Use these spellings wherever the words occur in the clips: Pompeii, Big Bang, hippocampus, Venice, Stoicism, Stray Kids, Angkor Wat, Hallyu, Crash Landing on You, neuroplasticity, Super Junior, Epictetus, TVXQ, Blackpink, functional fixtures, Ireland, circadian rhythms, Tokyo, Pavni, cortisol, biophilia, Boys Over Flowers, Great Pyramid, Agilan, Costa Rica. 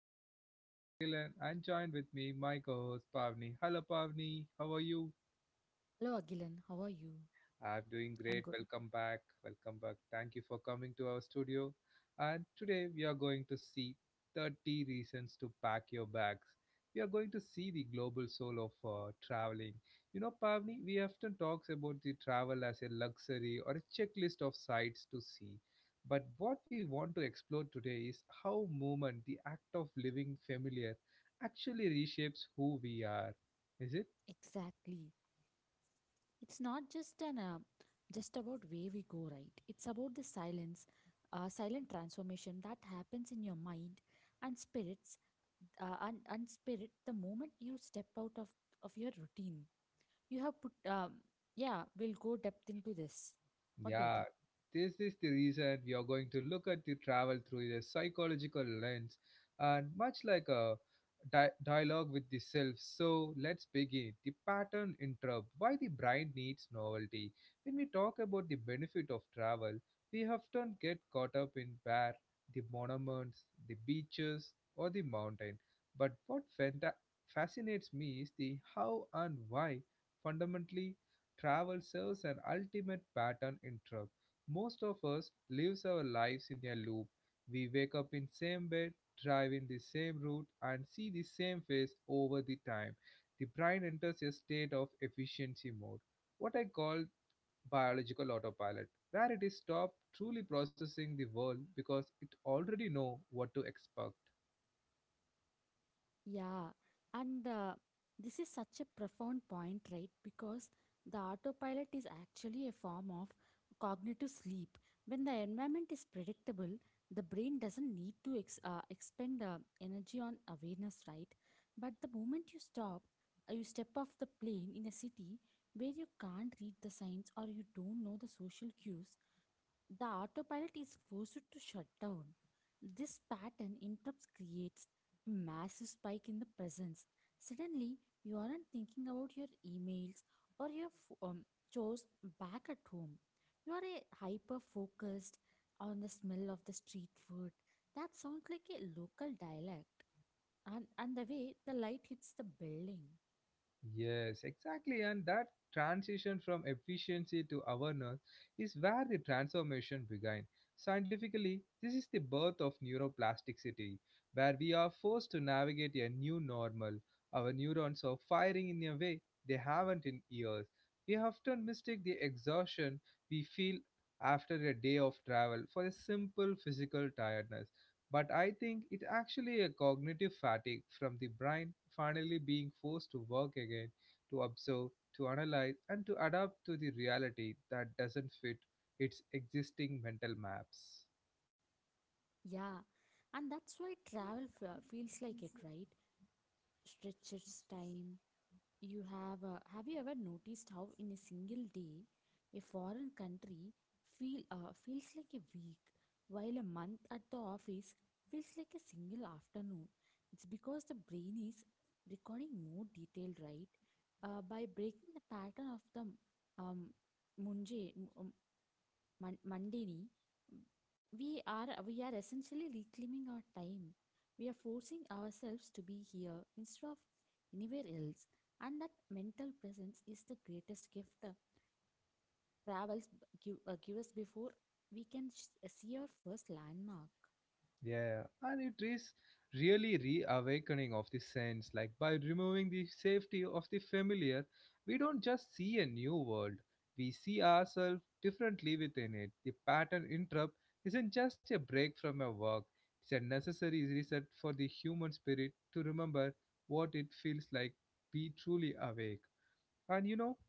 This is your host Agilan and joined with me my co-host Pavni. Hello Pavni, how are you? Hello, Agilan. How are you? I'm doing great. I'm good. Welcome back. Welcome back. Thank you for coming to our studio. And today we are going to see 30 reasons to pack your bags. We are going to see the global soul of traveling. You know, Pavni, we often talks about the travel as a luxury or a checklist of sights to see. But what we want to explore today is how movement, the act of living familiar, actually reshapes who we are. Is it? Exactly. It's not just an just about where we go, right? It's about the silent transformation that happens in your mind and spirit the moment you step out of your routine. You have put, um, yeah. We'll go depth into this. What do you Yeah, think? this is the reason we are going to look at the travel through a psychological lens and much like a dialogue with the self. So let's begin. The pattern interrupt why the brain needs novelty. When we talk about the benefit of travel, we often get caught up in where the monuments, the beaches, or the mountain. But what fascinates me is the how and why fundamentally travel serves an ultimate pattern interrupt. Most of us lives our lives in a loop. We wake up in same bed, drive in the same route, and see the same face over the time. The brain enters a state of efficiency mode, what I call biological autopilot, where it is stopped truly processing the world because it already know what to expect. Yeah, and this is such a profound point, right? Because the autopilot is actually a form of cognitive sleep. When the environment is predictable, the brain doesn't need to expend energy on awareness, right? But the moment you step off the plane in a city where you can't read the signs or you don't know the social cues, the autopilot is forced to shut down. This pattern interrupts creates a massive spike in the presence. Suddenly, you aren't thinking about your emails or your chores back at home. You are a hyper focused on the smell of the street food. That sounds like a local dialect. And the way the light hits the building. Yes, exactly. And that transition from efficiency to awareness is where the transformation began. Scientifically, this is the birth of neuroplasticity, where we are forced to navigate a new normal. Our neurons are firing in a way they haven't in years. We often mistake the exhaustion we feel after a day of travel for a simple physical tiredness. But I think it actually a cognitive fatigue from the brain finally being forced to work again, to observe, to analyze, and to adapt to the reality that doesn't fit its existing mental maps. Yeah, and that's why travel feels like it, right? Stretches time. You have you ever noticed how in a single day a foreign country feels like a week while a month at the office feels like a single afternoon. It's because the brain is recording more detail, right? By breaking the pattern of the um, munje, Mon- Mandini, we are essentially reclaiming our time. We are forcing ourselves to be here instead of anywhere else, and that mental presence is the greatest gift travels give us before we can see our first landmark. Yeah, and it is really reawakening of the sense. Like by removing the safety of the familiar, we don't just see a new world. We see ourselves differently within it. The pattern interrupt isn't just a break from our work. It's a necessary reset for the human spirit to remember what it feels like be truly awake. And you know,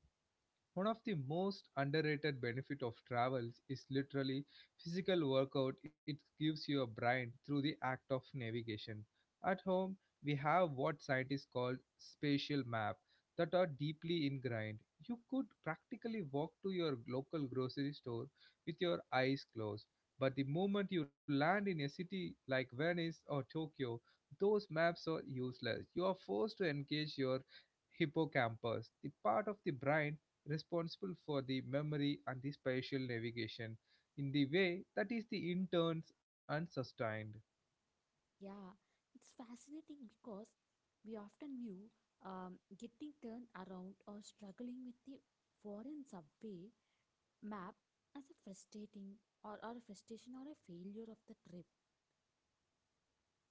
one of the most underrated benefit of travels is literally physical workout it gives your brain through the act of navigation. At home, we have what scientists call spatial map that are deeply ingrained. You could practically walk to your local grocery store with your eyes closed, but the moment you land in a city like Venice or Tokyo, those maps are useless. You are forced to engage your hippocampus, the part of the brain responsible for the memory and the spatial navigation in the way that is the interns and sustained. Yeah, it's fascinating because we often view getting turned around or struggling with the foreign subway map as a frustrating or a frustration or a failure of the trip.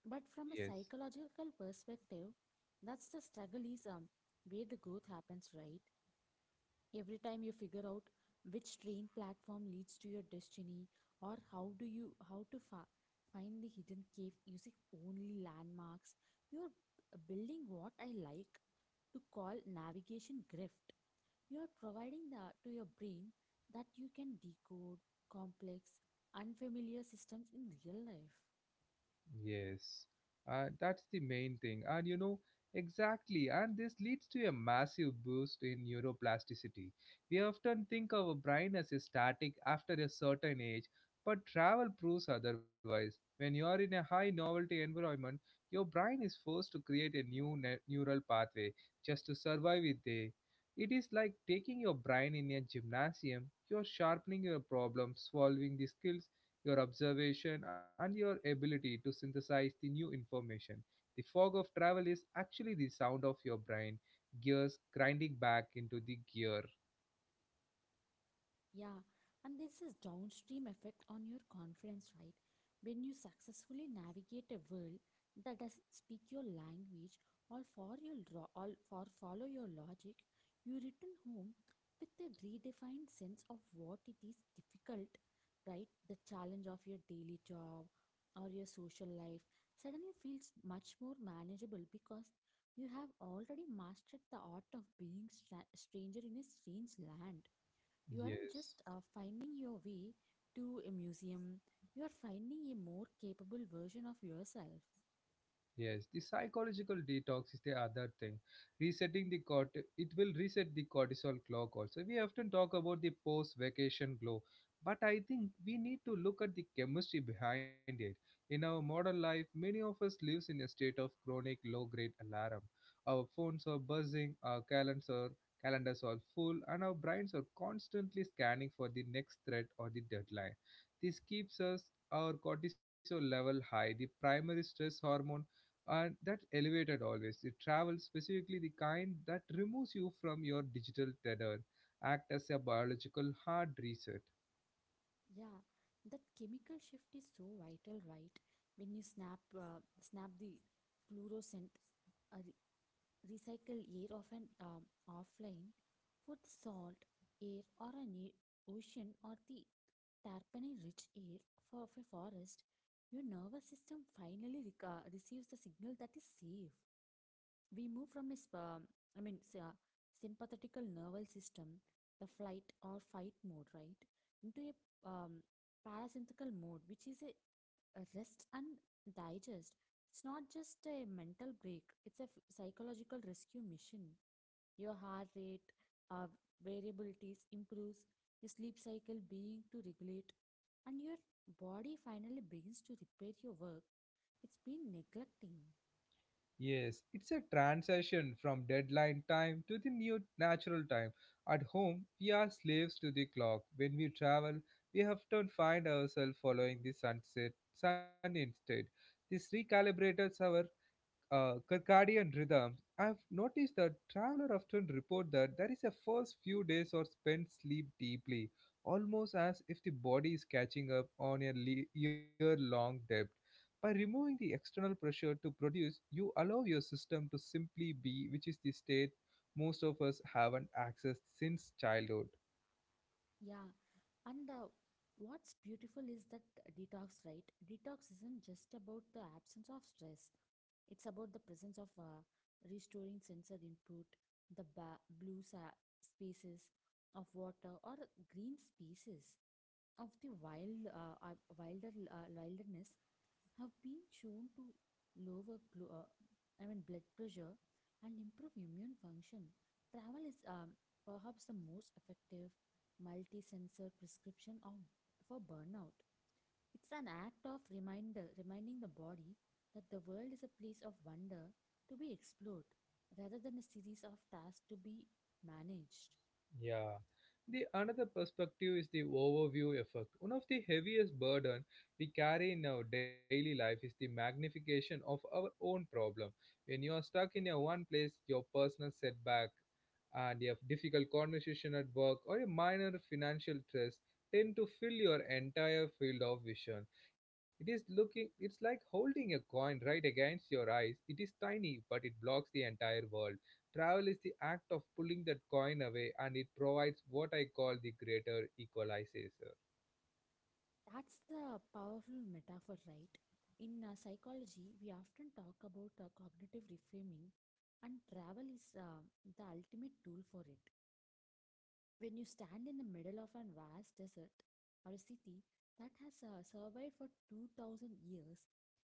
But from a Yes. psychological perspective, that's the struggle is where the growth happens, right? Every time you figure out which train platform leads to your destiny or how do you how to fa- find the hidden cave using only landmarks, you're building what I like to call navigation grift. You are providing to your brain that you can decode complex, unfamiliar systems in real life. Yes, that's the main thing. And you know, exactly. And this leads to a massive boost in neuroplasticity. We often think of our brain as a static after a certain age, but travel proves otherwise. When you are in a high novelty environment, your brain is forced to create a new neural pathway just to survive it there. It is like taking your brain in a gymnasium. You're sharpening your problem solving the skills your observation, and your ability to synthesize the new information. The fog of travel is actually the sound of your brain gears grinding back into the gear. Yeah, and this is downstream effect on your confidence, right? When you successfully navigate a world that doesn't speak your language or for your ro- or for follow your logic, you return home with a redefined sense of what it is difficult, right? The challenge of your daily job or your social life suddenly feels much more manageable because you have already mastered the art of being stranger in a strange land. You aren't Yes. just finding your way to a museum, you are finding a more capable version of yourself. Yes, the psychological detox is the other thing. Resetting the cort it will reset the cortisol clock also. We often talk about the post vacation glow, but I think we need to look at the chemistry behind it. In our modern life, many of us lives in a state of chronic low grade alarm. Our phones are buzzing, our calendars are full, and our brains are constantly scanning for the next threat or the deadline. This keeps us our cortisol level high, the primary stress hormone and that elevated always. It travels specifically the kind that removes you from your digital tether act as a biological hard reset. Yeah, that chemical shift is so vital, right? When you snap the fluorescent, uh, re- recycle air of an offline for the salt air or an ocean or the terpene rich air of a forest, your nervous system finally receives the signal that is safe. We move I mean, sympathetical nervous system, the flight or fight mode, right, into a um, parasympathetic mode, which is a rest and digest. It's not just a mental break; it's a psychological rescue mission. Your heart rate, uh, variabilities improves, your sleep cycle being to regulate, and your body finally begins to repair your work it's been neglecting. Yes, it's a transition from deadline time to the new natural time. At home we are slaves to the clock. When we travel we often find ourselves following the sunset sun instead. This recalibrates our circadian rhythms. I've noticed that travelers often report that there is a first few days or spent sleep deeply, almost as if the body is catching up on a year-long debt. By removing the external pressure to produce, you allow your system to simply be, which is the state most of us haven't accessed since childhood. Yeah, and what's beautiful is that detox, right? Detox isn't just about the absence of stress, it's about the presence of restoring sensory input, the blue spaces of water, or green spaces of the wilderness have been shown to lower, I mean, blood pressure and improve immune function. Travel is perhaps the most effective multi-sensor prescription of for burnout. It's an act of reminder reminding the body that the world is a place of wonder to be explored rather than a series of tasks to be managed. Yeah. The another perspective is the overview effect. One of the heaviest burden we carry in our daily life is the magnification of our own problem. When you are stuck in a one place, your personal setback and a difficult conversation at work or a minor financial stress tend to fill your entire field of vision. It is looking it's like holding a coin right against your eyes. It is tiny, but it blocks the entire world. Travel is the act of pulling that coin away, and it provides what I call the greater equalizer. That's the powerful metaphor, right? In psychology, we often talk about cognitive reframing, and travel is the ultimate tool for it. When you stand in the middle of a vast desert or a city that has survived for 2000 years,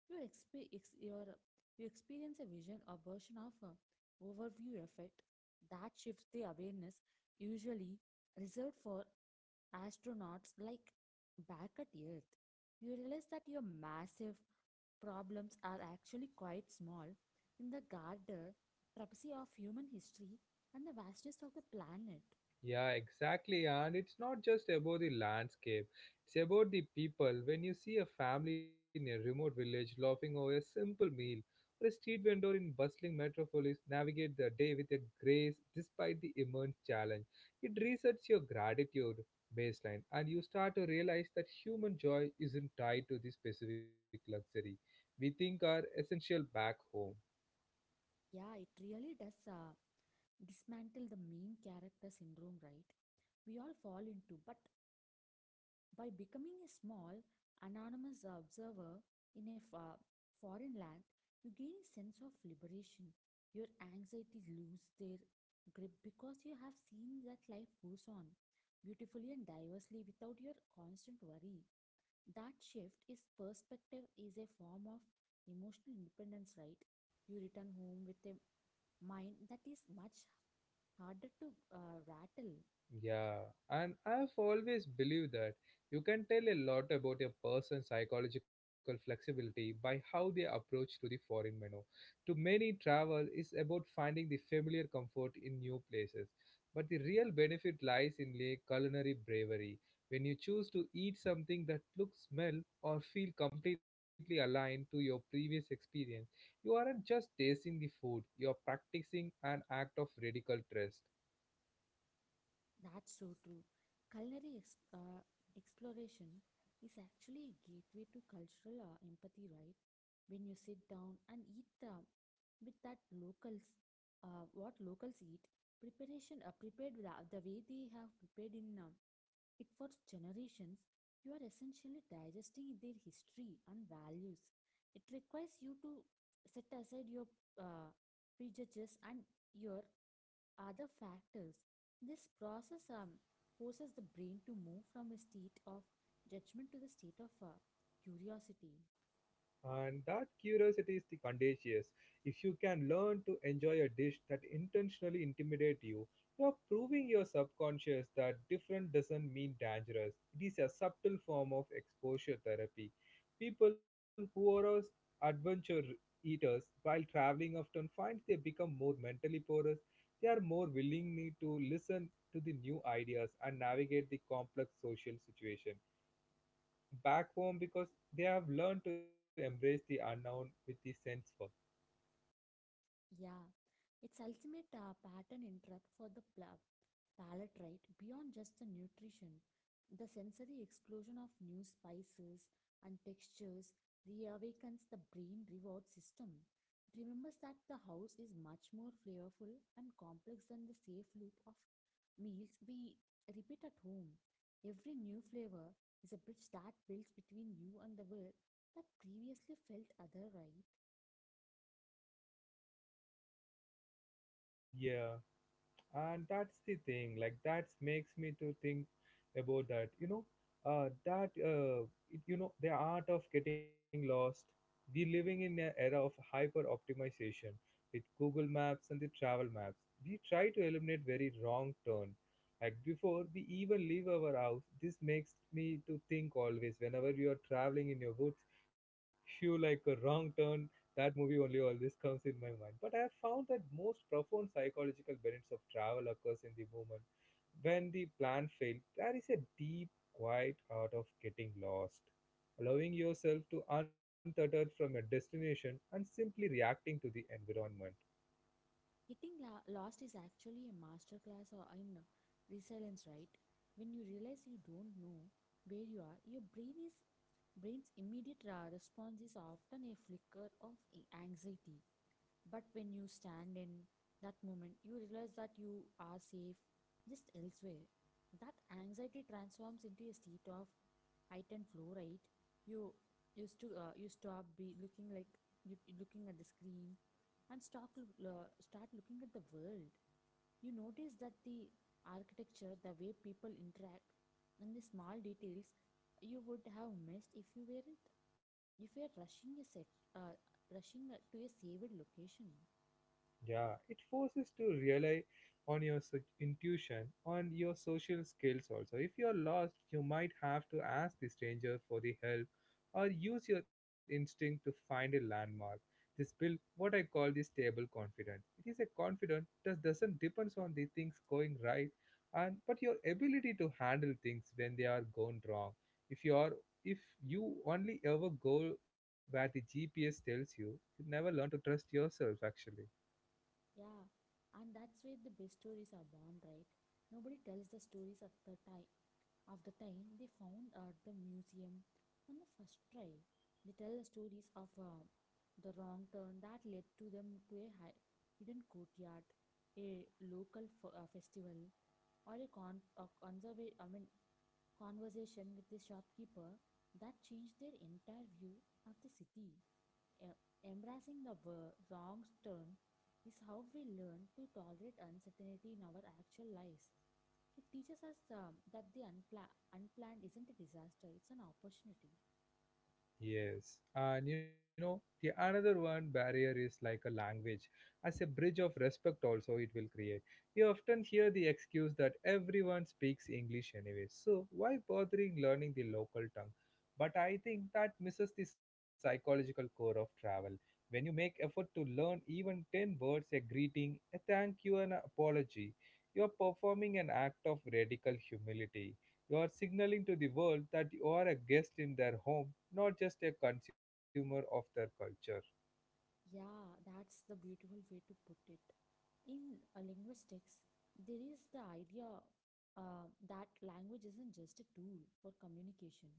you, exp- ex- your, you experience a vision or version of a overview effect that shifts the awareness usually reserved for astronauts like back at Earth. You realize that your massive problems are actually quite small in the garter travesty of human history and the vastness of the planet. Yeah, exactly. And it's not just about the landscape, it's about the people. When you see a family in a remote village laughing over a simple meal, or a street vendor in bustling metropolis navigate their day with a grace despite the immense challenge, it resets your gratitude baseline and you start to realize that human joy isn't tied to the specific luxury we think are essential back home. Yeah, it really does dismantle the main character syndrome, right? We all fall into, but by becoming a small, anonymous observer in a foreign land, you gain a sense of liberation. Your anxieties lose their grip because you have seen that life goes on beautifully and diversely without your constant worry. That shift is perspective is a form of emotional independence, right? You return home with a mind that is much harder to rattle. Yeah, and I've always believed that you can tell a lot about a person's psychological flexibility by how they approach to the foreign menu. To many, travel is about finding the familiar comfort in new places, but the real benefit lies in the culinary bravery. When you choose to eat something that looks, smell, or feel completely aligned to your previous experience, you aren't just tasting the food; you're practicing an act of radical trust. That's so true. Culinary exploration is actually a gateway to cultural empathy, right? When you sit down and eat with that locals, what locals eat, preparation prepared with the way they have prepared in it for generations, you are essentially digesting their history and values. It requires you to set aside your uh, prejudices and your other factors. This process forces the brain to move from a state of judgment to the state of curiosity. And that curiosity is the contagious. If you can learn to enjoy a dish that intentionally intimidates you, you are proving your subconscious that different doesn't mean dangerous. It is a subtle form of exposure therapy. People who are adventure eaters while traveling often find they become more mentally porous. They are more willing to listen to the new ideas and navigate the complex social situation back home because they have learned to embrace the unknown with the sense for Yeah, its ultimate pattern interrupt for the palate, right. Beyond just the nutrition, the sensory explosion of new spices and textures reawakens the brain reward system. It remembers that the house is much more flavorful and complex than the safe loop of meals we repeat at home. Every new flavor is a bridge that builds between you and the world that previously felt otherwise. yeah. And that's the thing like that makes me to think about that you know, uh, that uh, the art of getting lost. We living in an era of hyper optimization with Google Maps and the travel maps. We try to eliminate very wrong turn like before we even leave our house. This makes me to think always whenever you are traveling in your woods if you like a wrong turn, that movie only always comes in my mind. But I have found that most profound psychological benefits of travel occurs in the moment when the plan failed. There is a deep quiet art of getting lost, allowing yourself to untuttered from a destination and simply reacting to the environment. Getting lost is actually a masterclass or in resilience, right? When you realize you don't know where you are, your brain's immediate response is often a flicker of anxiety, but when you stand in that moment, you realize that you are safe, just elsewhere. That anxiety transforms into a state of heightened flow, right? You used to you stop be looking like you looking at the screen, and start looking at the world. You notice that the architecture, the way people interact, and the small details you would have missed if you weren't if you are rushing a sec uh, rushing to a saved location. Yeah, it forces to rely on your intuition, on your social skills also. If you're lost, you might have to ask the stranger for the help or use your instinct to find a landmark. This build what I call the stable confidence. It is a confidence that doesn't depends on the things going right and but your ability to handle things when they are gone wrong. If you are if you only ever go where the GPS tells you, you never learn to trust yourself actually. Yeah, and that's where the best stories are born, right? Nobody tells the stories at the time of the time they found at the museum on the first try. They tell the stories of the wrong turn that led to them to a hidden courtyard, a local festival, or a, I mean, conversation with the shopkeeper that changed their entire view of the city. E- Embracing the wrong turn is how we learn to tolerate uncertainty in our actual lives. It teaches us that the unplanned isn't a disaster, it's an opportunity. Yes, and you know, the another one barrier is like a language. As a bridge of respect, also, it will create. We often hear the excuse that everyone speaks English anyway, so why bothering learning the local tongue? But I think that misses the psychological core of travel. When you make effort to learn even 10 words, a greeting, a thank you, an apology, you are performing an act of radical humility. You are signaling to the world that you are a guest in their home, not just a consumer of their culture. Yeah, that's the beautiful way to put it. In linguistics, there is the idea that language isn't just a tool for communication,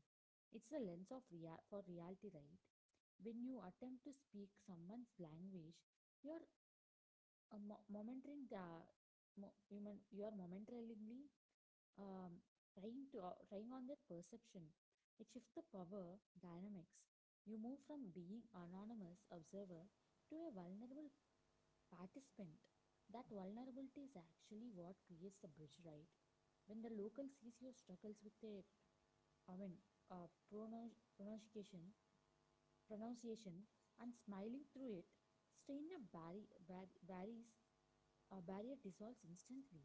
it's a lens for reality, right? When you attempt to speak someone's language, you're mo- momentarily, the, mo- you mon- you're momentarily um, trying on their perception. It shifts the power dynamics. You move from being anonymous observer to a vulnerable participant. That vulnerability is actually what creates the bridge, right? When the local sees your struggles with a, I mean, uh, pronou- pronunciation, pronunciation, and smiling through it, stranger barrier dissolves instantly.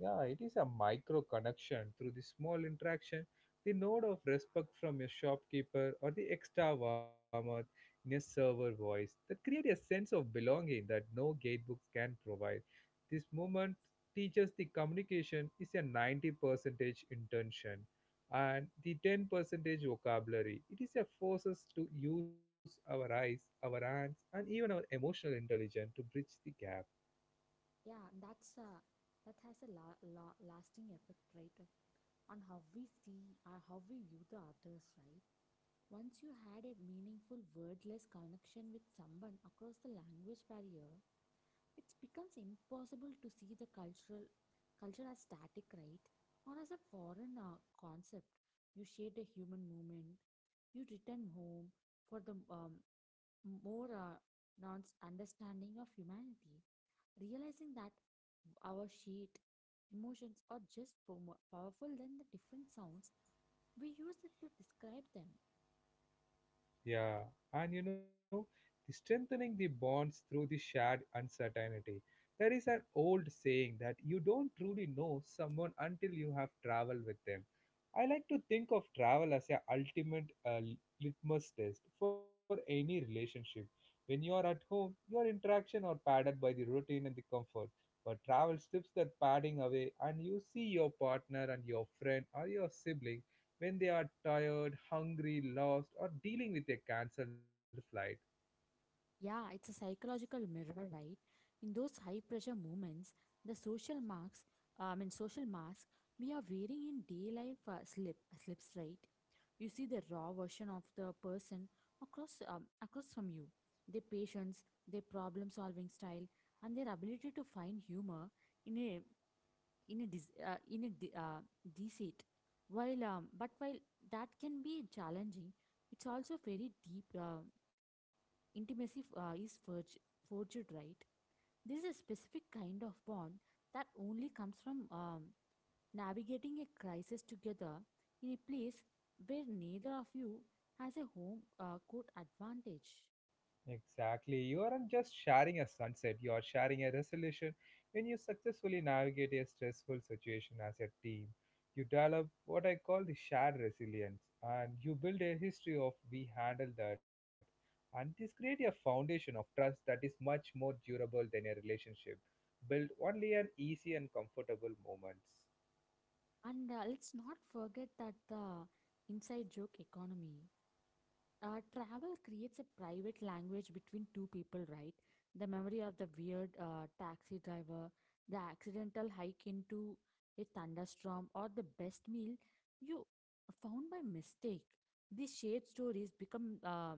Yeah, it is a micro connection through the small interaction, the nod of respect from your shopkeeper or the extra warmth in a server voice that create a sense of belonging that no gatebooks can provide. This moment teaches the communication is a 90 percentage intention and the 10 percentage vocabulary. It is a forces to use our eyes, our hands, and even our emotional intelligence to bridge the gap. Yeah, that has a la la lasting effect, right? On how we view the others, right? Once you had a meaningful wordless connection with someone across the language barrier, it becomes impossible to see the cultural culture as static, right? Or as a foreign concept. You shared a human moment. You returned home for the more non's understanding of humanity, realizing that our sheet emotions are just more powerful than the different sounds we use it to describe them. Yeah, and you know, the strengthening the bonds through the shared uncertainty. There is an old saying that you don't truly know someone until you have traveled with them. I like to think of travel as a ultimate litmus test for any relationship. When you are at home, your interaction are padded by the routine and the comfort. But travel strips that padding away, and you see your partner and your friend or your sibling when they are tired, hungry, lost, or dealing with a cancelled flight. Yeah, it's a psychological mirror, right? In those high pressure moments, the social marks, I mean, social mask we are wearing in day life slips, right? You see the raw version of the person across from you, their patience, their problem solving style, and their ability to find humor in a in a dis, in a de- deceit. While but while that can be challenging, it's also very deep. Intimacy is forged, right? This is a specific kind of bond that only comes from navigating a crisis together in a place where neither of you has a home court advantage. Exactly. You aren't just sharing a sunset, you are sharing a resolution when you successfully navigate a stressful situation as a team. You develop what I call the shared resilience and you build a history of we handle that. And this creates a foundation of trust that is much more durable than a relationship built only on easy and comfortable moments. And let's not forget that the inside joke economy. Travel creates a private language between two people, right? The memory of the weird taxi driver, the accidental hike into a thunderstorm, or the best meal you found by mistake. These shared stories become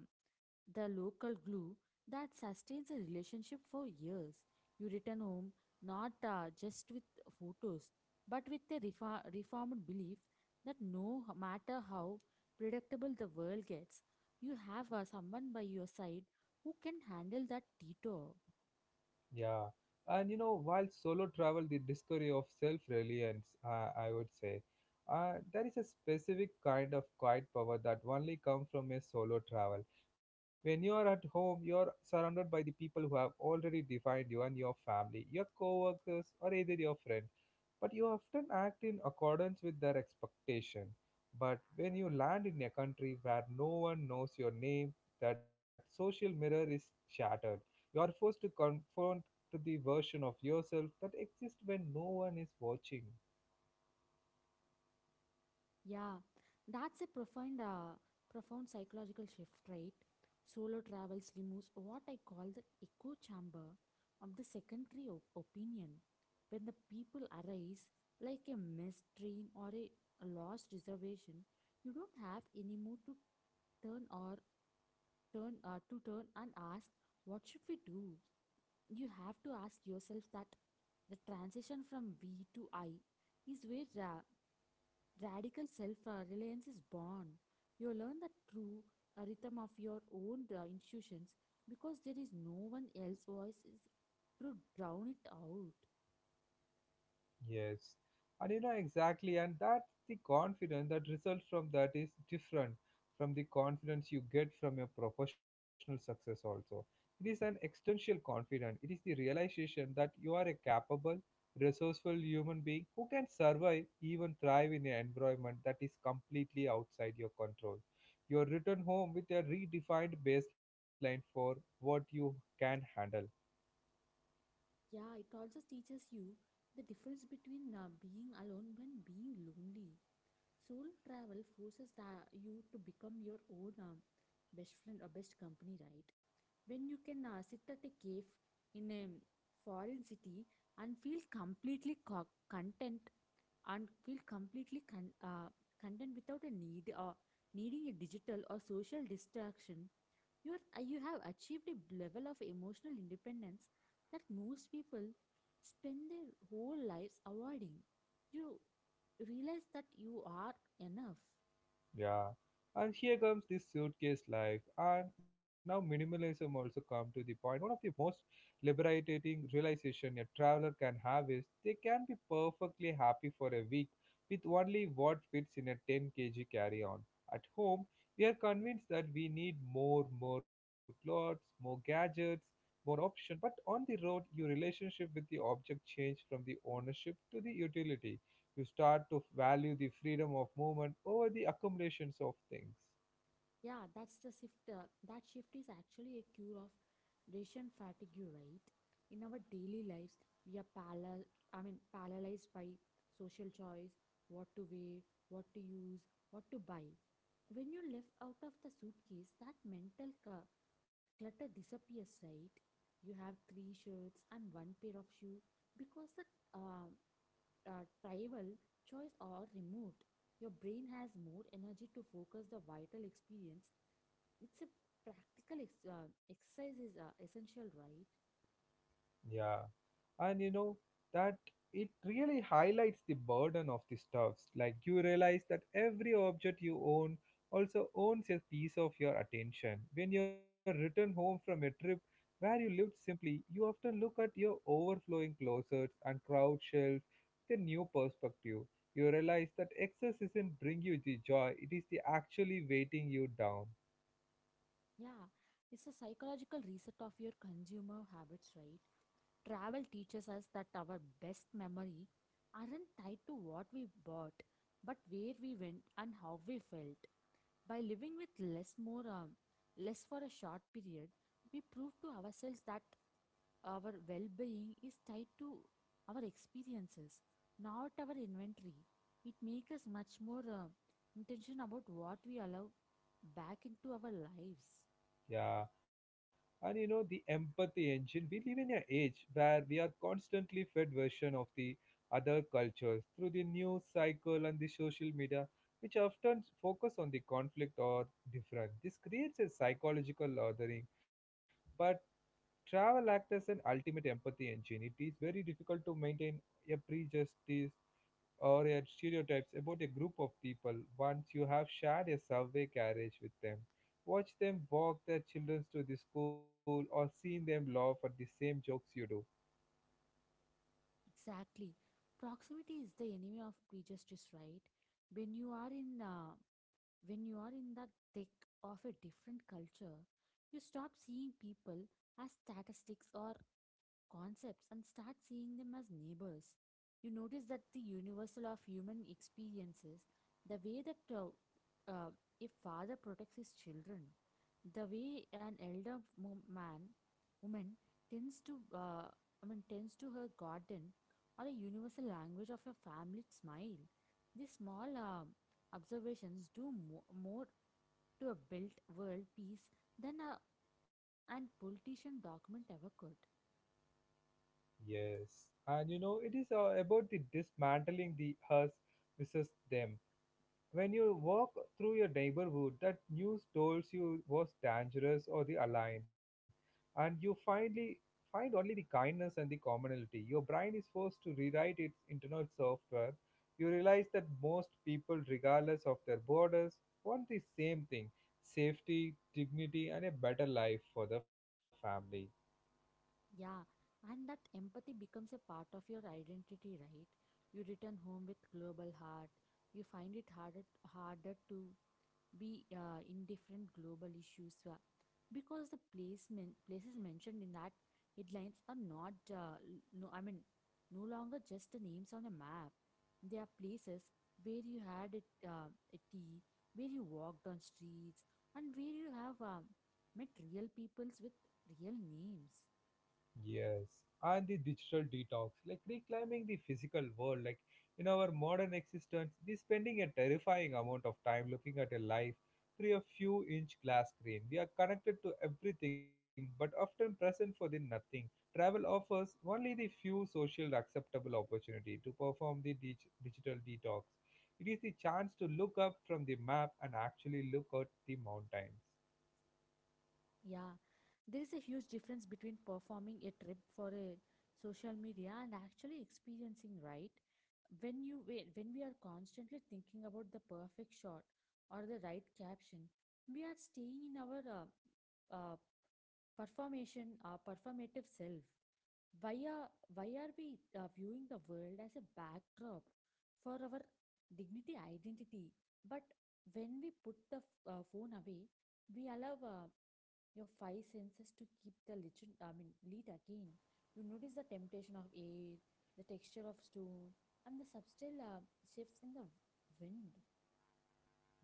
the local glue that sustains a relationship for years. You return home not just with photos, but with a reformed belief that no matter how predictable the world gets, you have someone by your side who can handle that detour. Yeah, and you know, while solo travel, the discovery of self-reliance, I would say, there is a specific kind of quiet power that only comes from a solo travel. When you are at home, you are surrounded by the people who have already defined you and your family, your co-workers, or either your friend but you often act in accordance with their expectation. But when you land in a country where no one knows your name, that social mirror is shattered. You are forced to confront to the version of yourself that exists when no one is watching. Yeah, that's a profound psychological shift, right? Solo travels removes what I call the echo chamber of the secondary opinion. When the people arise, like a missed train or a lost reservation, you don't have any mood to turn or turn to turn and ask, "What should we do?" You have to ask yourself that. The transition from we to I is where radical self reliance is born. You learn the true rhythm of your own institutions, because there is no one else's voice is to drown it out. Yes, and you know exactly, and that's the confidence that results from that is different from the confidence you get from your professional success. Also, it is an existential confidence. It is the realization that you are a capable, resourceful human being who can survive, even thrive in an environment that is completely outside your control. You're returned home with a redefined baseline for what you can handle. Yeah, it also teaches you the difference between being alone and being lonely. Soul travel forces you to become your own best friend or best company, right? When you can sit at a cave in a foreign city and feel completely co- content and feel completely con- content without a needing a digital or social distraction, you have achieved a level of emotional independence that most people spend their whole lives avoiding. You realize that you are enough. Yeah. And here comes this suitcase life. And now minimalism also come to the point. One of the most liberating realization a traveler can have is they can be perfectly happy for a week with only what fits in a 10 kg carry-on. At home, we are convinced that we need more, more clothes, more gadgets, more option. But on the road, your relationship with the object change from the ownership to the utility you start to value the freedom of movement over the accumulations of things. Yeah, that's the shift. That shift is actually a cure of decision fatigue, right? In our daily lives, we are paralyzed by social choice, what to wear, what to use, what to buy. When you lift out of the suitcase, that mental clutter disappears, right? You have three shirts and one pair of shoe because the uh, tribal choice are removed. Your brain has more energy to focus the vital experience. It's a practical exercise is essential, right. Yeah. And you know that it really highlights the burden of the stuffs. Like you realize that every object you own also owns a piece of your attention. When you're returned home from a trip where you lived simply, you often look at your overflowing closets and crowd shelves with a new perspective. You realize that excess isn't bring you the joy, it is the actually weighting you down. Yeah, it's a psychological reset of your consumer habits, right. Travel teaches us that our best memory aren't tied to what we bought, but where we went and how we felt. By living with less for a short period, we prove to ourselves that our well-being is tied to our experiences, not our inventory. It makes us much more intention about what we allow back into our lives. Yeah. And you know, the empathy engine, we live in an age where we are constantly fed version of the other cultures through the news cycle and the social media, which often focus on the conflict or different. This creates a psychological lathering. But travel acts as an ultimate empathy engine. It is very difficult to maintain a prejudice or your stereotypes about a group of people once you have shared a subway carriage with them. Watch them walk their children to the school or seen them laugh at the same jokes you do. Exactly. Proximity is the enemy of prejudice, right? When you are in the thick of a different culture, you stop seeing people as statistics or concepts and start seeing them as neighbors. You notice that the universal of human experiences, the way that uh, a father protects his children, the way an elder woman tends to, uh, tends to her garden, or a universal language of a family smile. These small observations do more to a built world peace than a and politician document ever could. Yes. And you know, it is about the dismantling the us versus them. When you walk through your neighborhood that news told you was dangerous or the align, and you finally find only the kindness and the commonality, your brain is forced to rewrite its internal software. You realize that most people, regardless of their borders, want the same thing safety, dignity, and a better life for the family. Yeah, and that empathy becomes a part of your identity, right? You return home with global heart. You find it harder to be indifferent global issues, because the placement places mentioned in that headlines are not no longer just the names on a map. They are places where you had a tea, where you walked on streets, and where you have met real peoples with real names. Yes, and the digital detox, like reclaiming the physical world. Like in our modern existence, we're spending a terrifying amount of time looking at a life through a few inch glass screen. We are connected to everything but often present for the nothing. Travel offers only the few social acceptable opportunity to perform the digital detox. It is the chance to look up from the map and actually look at the mountains. Yeah, there is a huge difference between performing a trip for a social media and actually experiencing, right? When we are constantly thinking about the perfect shot or the right caption, we are staying in our uh, performative self. Why are why are we viewing the world as a backdrop for our dignity identity? But when we put the phone away, we allow your five senses to keep the legend I mean lead again. You notice the temptation of air, the texture of stone, and the subtle shifts in the wind.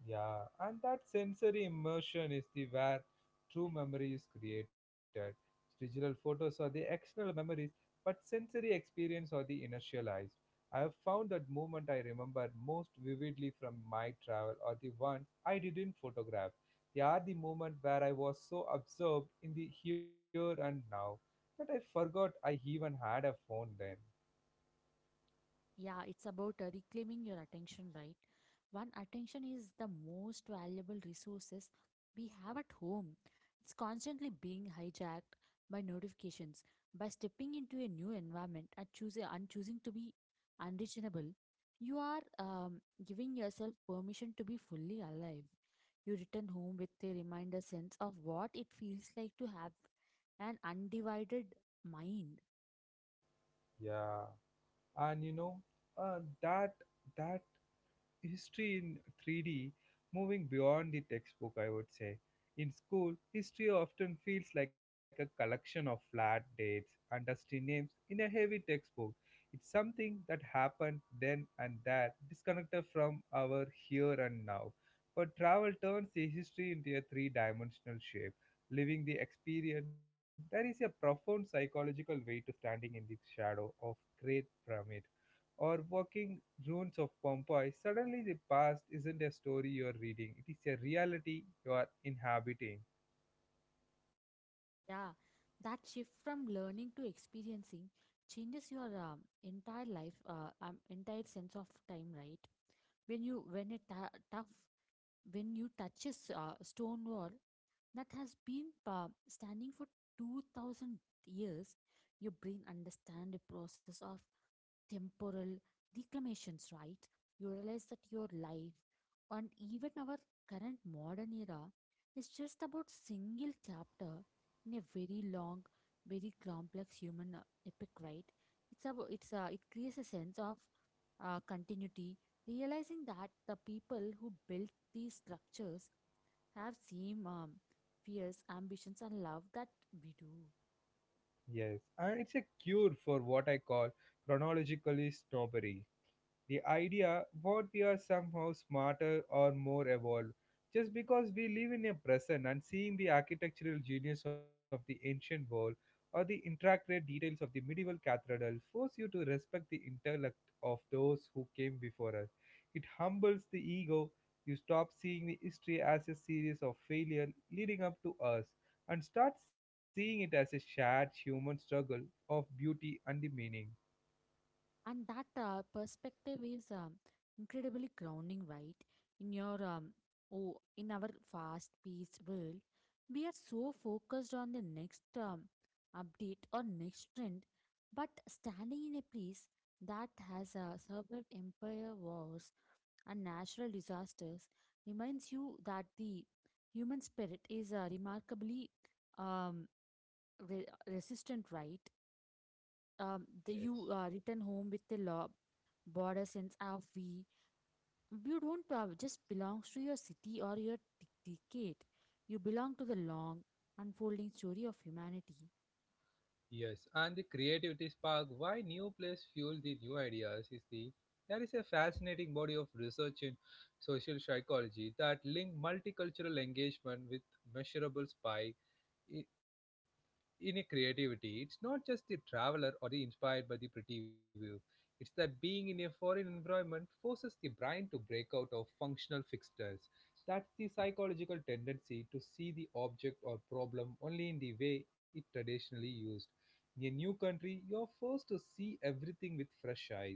Yeah, and that sensory immersion is the where true memory is created. Digital photos are the external memories, but sensory experience are the inertialized. I have found that moment I remember most vividly from my travel are the ones I didn't photograph. They are the moment where I was so absorbed in the here and now that I forgot I even had a phone then. Yeah, it's about reclaiming your attention, right? One attention is the most valuable resources we have at home. It's constantly being hijacked by notifications. By stepping into a new environment and choosing to be unreachable, you are giving yourself permission to be fully alive. You return home with a reminder sense of what it feels like to have an undivided mind. Yeah, and you know, uh, that that history in 3D, moving beyond the textbook, I would say. In school, history often feels like a collection of flat dates and dusty names in a heavy textbook. It's something that happened then and that, disconnected from our here and now. But travel turns the history into a three dimensional shape. Living the experience, there is a profound psychological weight to standing in the shadow of Great Pyramid or walking ruins of Pompeii, suddenly the past isn't a story you're reading, it is a reality you are inhabiting. Yeah, that shift from learning to experiencing changes your entire sense of time, right? When you when it ta- tough when you touches stone wall that has been standing for 2,000 years, your brain understand the process of temporal reclamations, right? You realize that your life and even our current modern era is just about single chapter in a very long, very complex human epic, right? It's about it's it creates a sense of continuity, realizing that the people who built these structures have same fears, ambitions, and love that we do. Yes, and it's a cure for what I call chronologically snobbery. The idea what we are somehow smarter or more evolved just because we live in a present and seeing the architectural genius of the ancient world or the intricate details of the medieval cathedral force you to respect the intellect of those who came before us. It humbles the ego. You stop seeing the history as a series of failure leading up to us and start seeing it as a shared human struggle of beauty and the meaning. And that perspective is incredibly grounding, right. In your um, oh in our fast paced world, we are so focused on the next update or next trend, but standing in a place that has survived empire wars and natural disasters reminds you that the human spirit is remarkably um, re- resistant, right. You Yes. are return home with a border sense of we. You don't just belong to your city or your decade. You belong to the long, unfolding story of humanity. Yes, and the creativity spark why new place fuel the new ideas is the there is a fascinating body of research in social psychology that link multicultural engagement with measurable spike in a creativity. It's not just the traveler or the inspired by the pretty view. It's that being in a foreign environment forces the brain to break out of functional fixtures. That's the psychological tendency to see the object or problem only in the way it traditionally used. In a new country, you're forced to see everything with fresh eyes.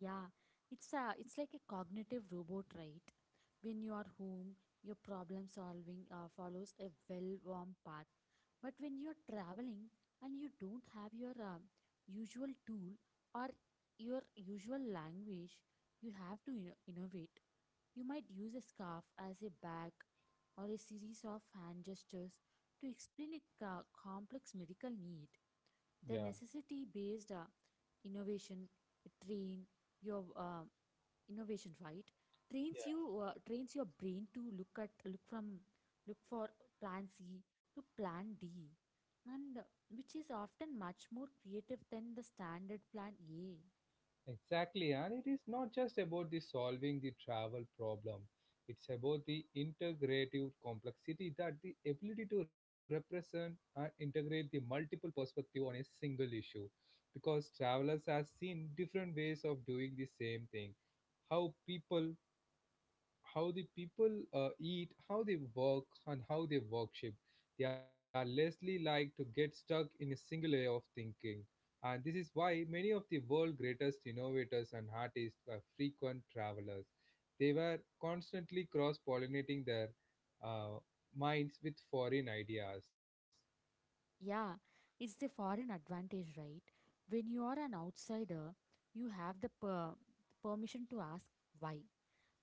Yeah, it's like a cognitive robot, right? When you are home, your problem solving follows a well-worn path. But when you're traveling and you don't have your usual tool or your usual language, you have to innovate. You might use a scarf as a bag or a series of hand gestures to explain a complex medical need. The Yeah. necessity based innovation, a train your innovation right trains you trains your brain to look at look from look for plan C to plan D, and which is often much more creative than the standard plan A. Exactly, and it is not just about the solving the travel problem. It's about the integrative complexity that the ability to represent and integrate the multiple perspective on a single issue. Because travelers have seen different ways of doing the same thing. How people how the people eat, how they work, and how they worship. They are lessly like to get stuck in a single way of thinking. And this is why many of the world's greatest innovators and artists were frequent travelers. They were constantly cross pollinating their uh, minds with foreign ideas. Yeah, it's the foreign advantage, right? When you are an outsider, you have the permission to ask why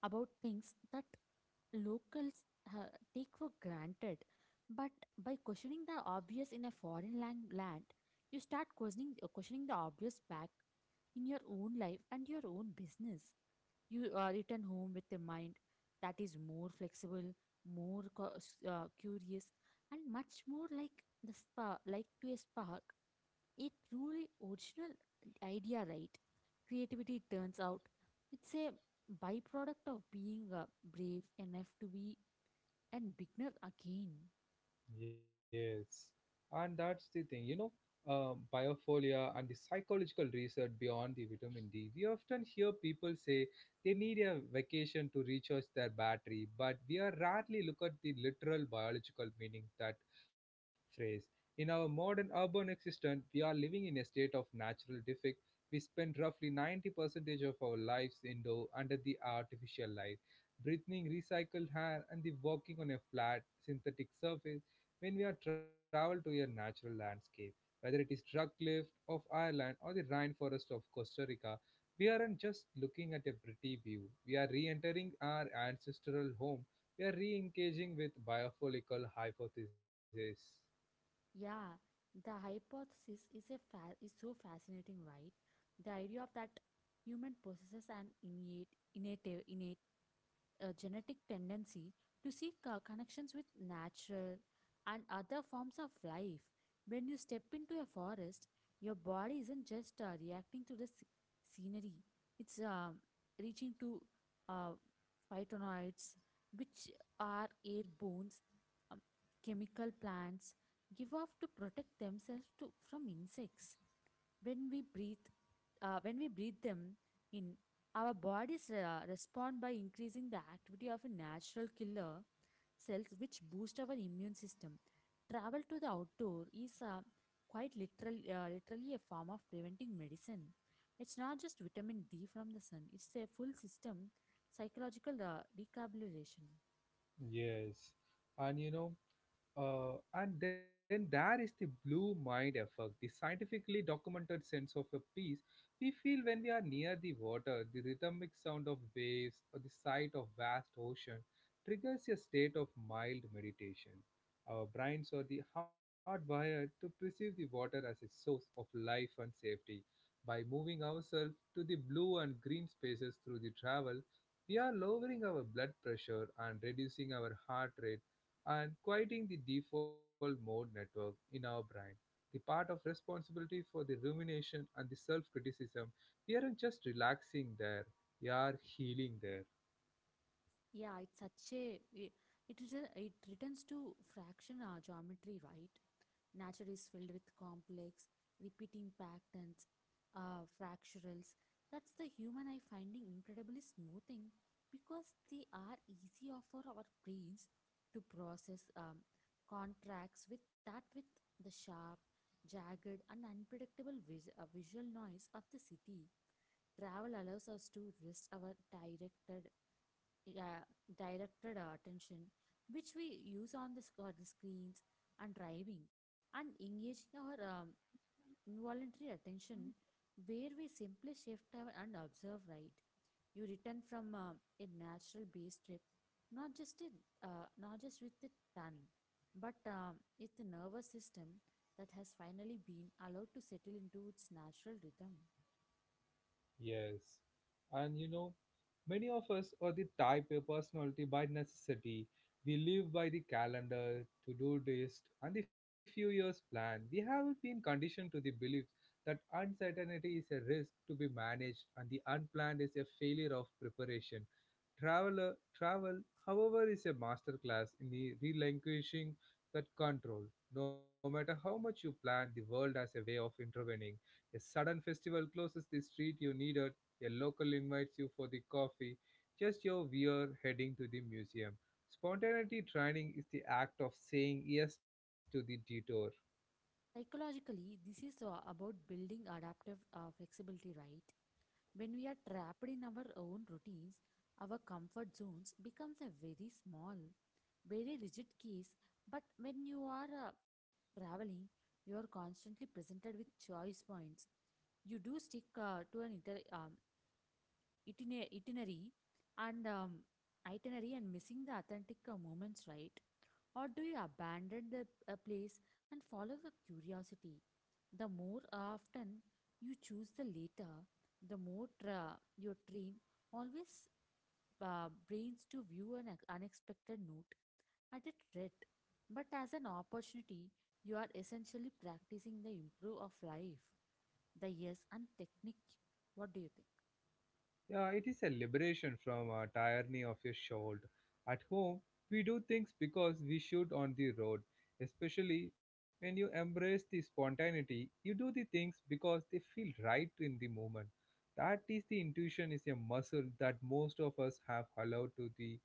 about things that locals take for granted. But by questioning the obvious in a foreign land, you start questioning the obvious back in your own life and your own business. You are return home with a mind that is more flexible, more curious, and much more like to a spark a truly original idea, right. Creativity turns out, it's a byproduct of being brave enough to be and beginner again. Yes, and that's the thing, you know, biophilia and the psychological research beyond the vitamin D. We often hear people say they need a vacation to recharge their battery, but we are rarely look at the literal biological meaning that phrase. In our modern urban existence, we are living in a state of natural defect. We spend roughly 90 percentage of our lives indoor under the artificial light breathing recycled air and the walking on a flat synthetic surface when we are travel to a natural landscape, whether it is rock cliff of Ireland or the rainforest of Costa Rica, we aren't just looking at a pretty view. We are re-entering our ancestral home. We are re-engaging with biopolical hypothesis. Yeah, the hypothesis is so fascinating, right. The idea of that human possesses an innate a genetic tendency to seek connections with nature and other forms of life. When you step into a forest, your body isn't just reacting to the scenery, it's reaching to uh, phytonoids, which are airborne um, chemical plants give off to protect themselves from insects. When we breathe uh, when we breathe them in, our bodies respond by increasing the activity of a natural killer cells, which boost our immune system. Travel to the outdoor is quite literally a form of preventing medicine. It's not just vitamin D from the sun, it's a full system psychological recalibration. Yes, and you know, and then there is the blue mind effect, the scientifically documented sense of a peace we feel when we are near the water. The rhythmic sound of waves or the sight of vast ocean triggers a state of mild meditation. Our brains are the hardwired to perceive the water as a source of life and safety. By moving ourselves to the blue and green spaces through the travel, we are lowering our blood pressure and reducing our heart rate and quieting the default mode network in our brain. The part of responsibility for the rumination and the self criticism, we aren't just relaxing there, we are healing there. Yeah, it's such a it returns to fraction geometry, right? Nature is filled with complex, repeating patterns, fracturals. That's the human eye finding incredibly smoothing because they are easier for our brains to process contracts with that with the sharp, jagged, and unpredictable visual noise of the city. Travel allows us to rest our yeah, directed our attention, which we use on the screens and driving, and engaging our involuntary attention, where we simply shift our and observe, right? You return from a natural base trip, not just a, not just with a ton, but with the nervous system that has finally been allowed to settle into its natural rhythm. Yes. And you know, many of us are the type A personality by necessity. We live by the calendar, to do list, and the few years plan. We have been conditioned to the belief that uncertainty is a risk to be managed and the unplanned is a failure of preparation. Traveler, travel, however, is a masterclass in the relinquishing that control. No matter how much you plan, the world has a way of intervening. A sudden festival closes the street you needed, a local invites you for the coffee, just your we're heading to the museum. Spontaneity training is the act of saying yes to the detour. Psychologically, this is about building adaptive flexibility, right? When we are trapped in our own routines, our comfort zones becomes a very small, very rigid case. But when you are traveling, you are constantly presented with choice points. You do stick to an itinerary and um, and missing the authentic moments, right? Or do you abandon the a place and follow the curiosity? The more often you choose the latter, the more your train always brains to view an unexpected note at a threat, but as an opportunity, you are essentially practicing the improve of life, the yes and technique. What do you think? Yeah, it is a liberation from a tyranny of your shoulder. At home, we do things because we should on the road. Especially when you embrace the spontaneity, you do the things because they feel right in the moment. That is the intuition is a muscle that most of us have allowed to the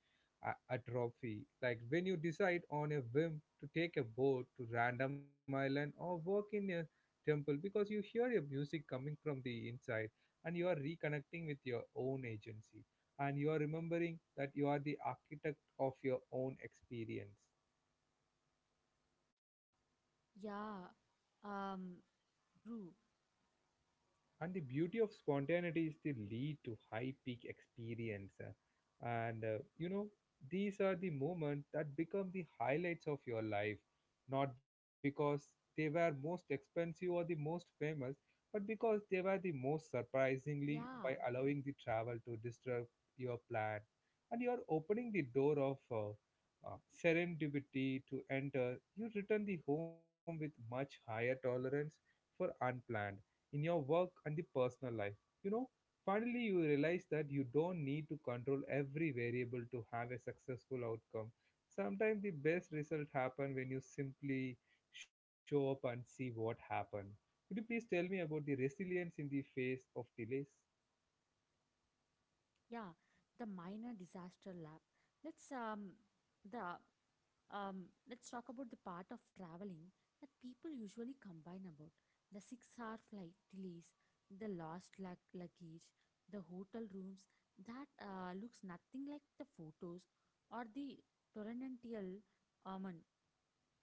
atrophy. Like when you decide on a whim to take a boat to random island or walk in a temple because you hear a music coming from the inside, and you are reconnecting with your own agency, and you are remembering that you are the architect of your own experience. Yeah, um, true. And the beauty of spontaneity is the lead to high peak experience. And these are the moments that become the highlights of your life, not because they were most expensive or the most famous, but because they were the most surprisingly by Yeah. allowing the travel to disrupt your plan. And you are opening the door of uh, serendipity to enter, you return the home with much higher tolerance for unplanned in your work and the personal life. You know, finally you realize that you don't need to control every variable to have a successful outcome. Sometimes the best result happen when you simply show up and see what happen. Could you please tell me about the resilience in the face of delays? Yeah, the minor disaster lab. Let's um the let's talk about the part of traveling that people usually complain about, the 6-hour flight delays, the lost luggage, the hotel rooms that looks nothing like the photos, or the torrential um, an-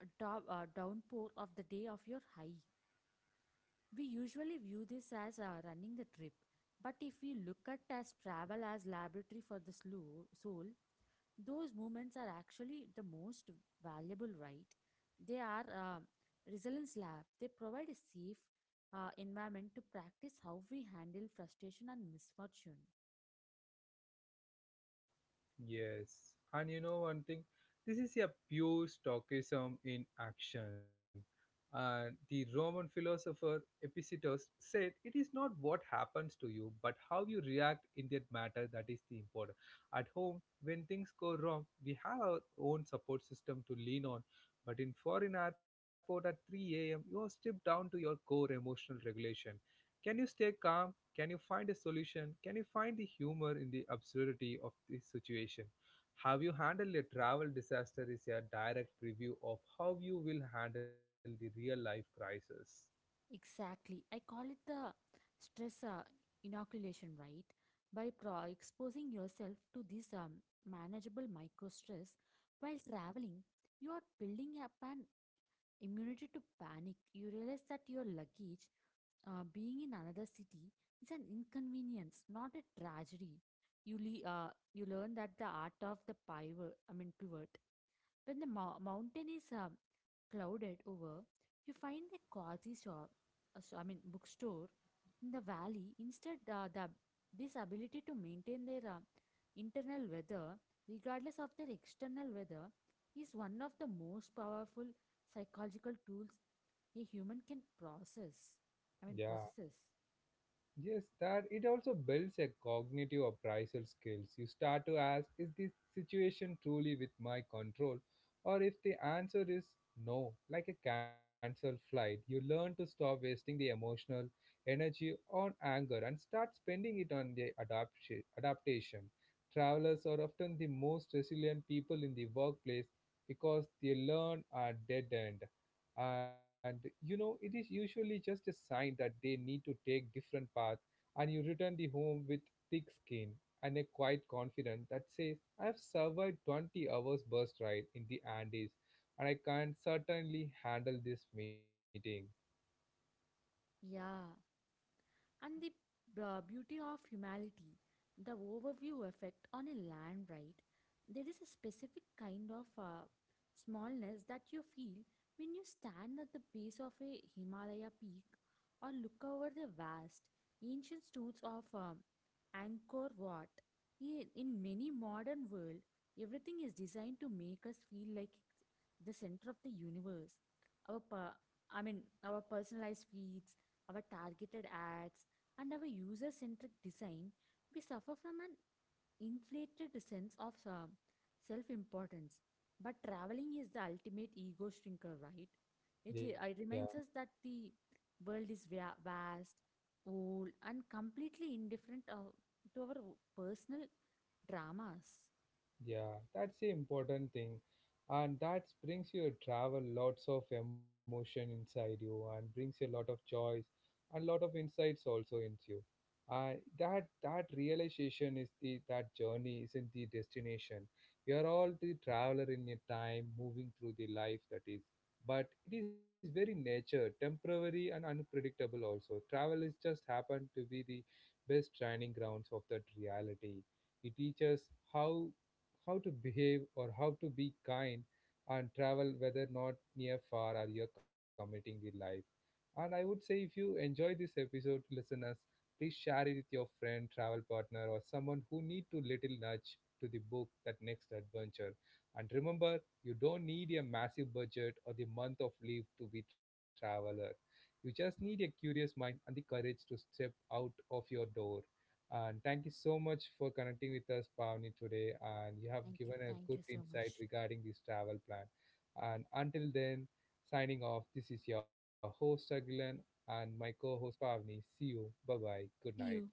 downpour of the day of your hike. We usually view this as running the trip, but if we look at as travel as laboratory for the soul, those moments are actually the most valuable, right? They are resilience lab. They provide a safe environment to practice how we handle frustration and misfortune. Yes, and you know one thing, this is a pure Stoicism in action. And the Roman philosopher Epictetus said, "It is not what happens to you, but how you react in that matter that is the important." At home, when things go wrong, we have our own support system to lean on. But in foreign airport at 3 a.m., you are stripped down to your core emotional regulation. Can you stay calm, can you find a solution? Can you find the humor in the absurdity of the situation? Have you handled a travel disaster is a direct preview of how you will handle the real life crisis. Exactly. I call it the stress inoculation, right? By exposing yourself to this manageable micro stress while traveling, you are building up an immunity to panic. You realize that your luggage, being in another city, is an inconvenience, not a tragedy. You learn that the art of the pivot, I mean pivot, when the mountain is clouded over, you find the quasi shop, so- I mean bookstore in the valley. Instead, the this ability to maintain their internal weather, regardless of their external weather, is one of the most powerful psychological tools a human can process. I mean, Yeah. possesses. Yes, that it also builds a cognitive appraisal skills. You start to ask, is this situation truly with my control? Or if the answer is no, like a cancelled flight, you learn to stop wasting the emotional energy on anger and start spending it on the adaptation. Travelers are often the most resilient people in the workplace because they learn at dead end, and you know it is usually just a sign that they need to take different path. And you return the home with thick skin and a quiet confidence that says I have survived 20 hours bus ride in the Andes, and I can certainly handle this meeting. Yeah, and the beauty of humanity, the overview effect on a land, right? There is a specific kind of smallness that you feel when you stand at the base of a Himalaya peak or look over the vast ancient stones of Angkor Wat. In many modern world, everything is designed to make us feel like it's the center of the universe. Our per- our personalized feeds, our targeted ads, and our user centric design, we suffer from an inflated sense of self importance. But traveling is the ultimate ego shrinker, right? It, Yeah. uh, it reminds us that the world is vast, old, and completely indifferent to our personal dramas. Yeah, that's the important thing. And that brings your travel lots of emotion inside you and brings you a lot of joys and lot of insights also into you. Uh, that realization is the that journey isn't the destination. We are all the traveler in a time moving through the life that is. But it is very nature, temporary and unpredictable also. Travel is just happened to be the best training grounds of that reality. It teaches how how to behave or how to be kind and travel whether not near far or you're committing the life. And I would say if you enjoy this episode, listeners, please share it with your friend, travel partner, or someone who need to little nudge to the book that next adventure. And remember, you don't need a massive budget or the month of leave to be traveler. You just need a curious mind and the courage to step out of your door. And thank you so much for connecting with us, Pavni, today. And you have Thank you. given a Thank good you so insight much. regarding this travel plan. And until then, signing off, this is your host, Agilan, and my co host, Pavni. See you. Bye bye. Good See night. you.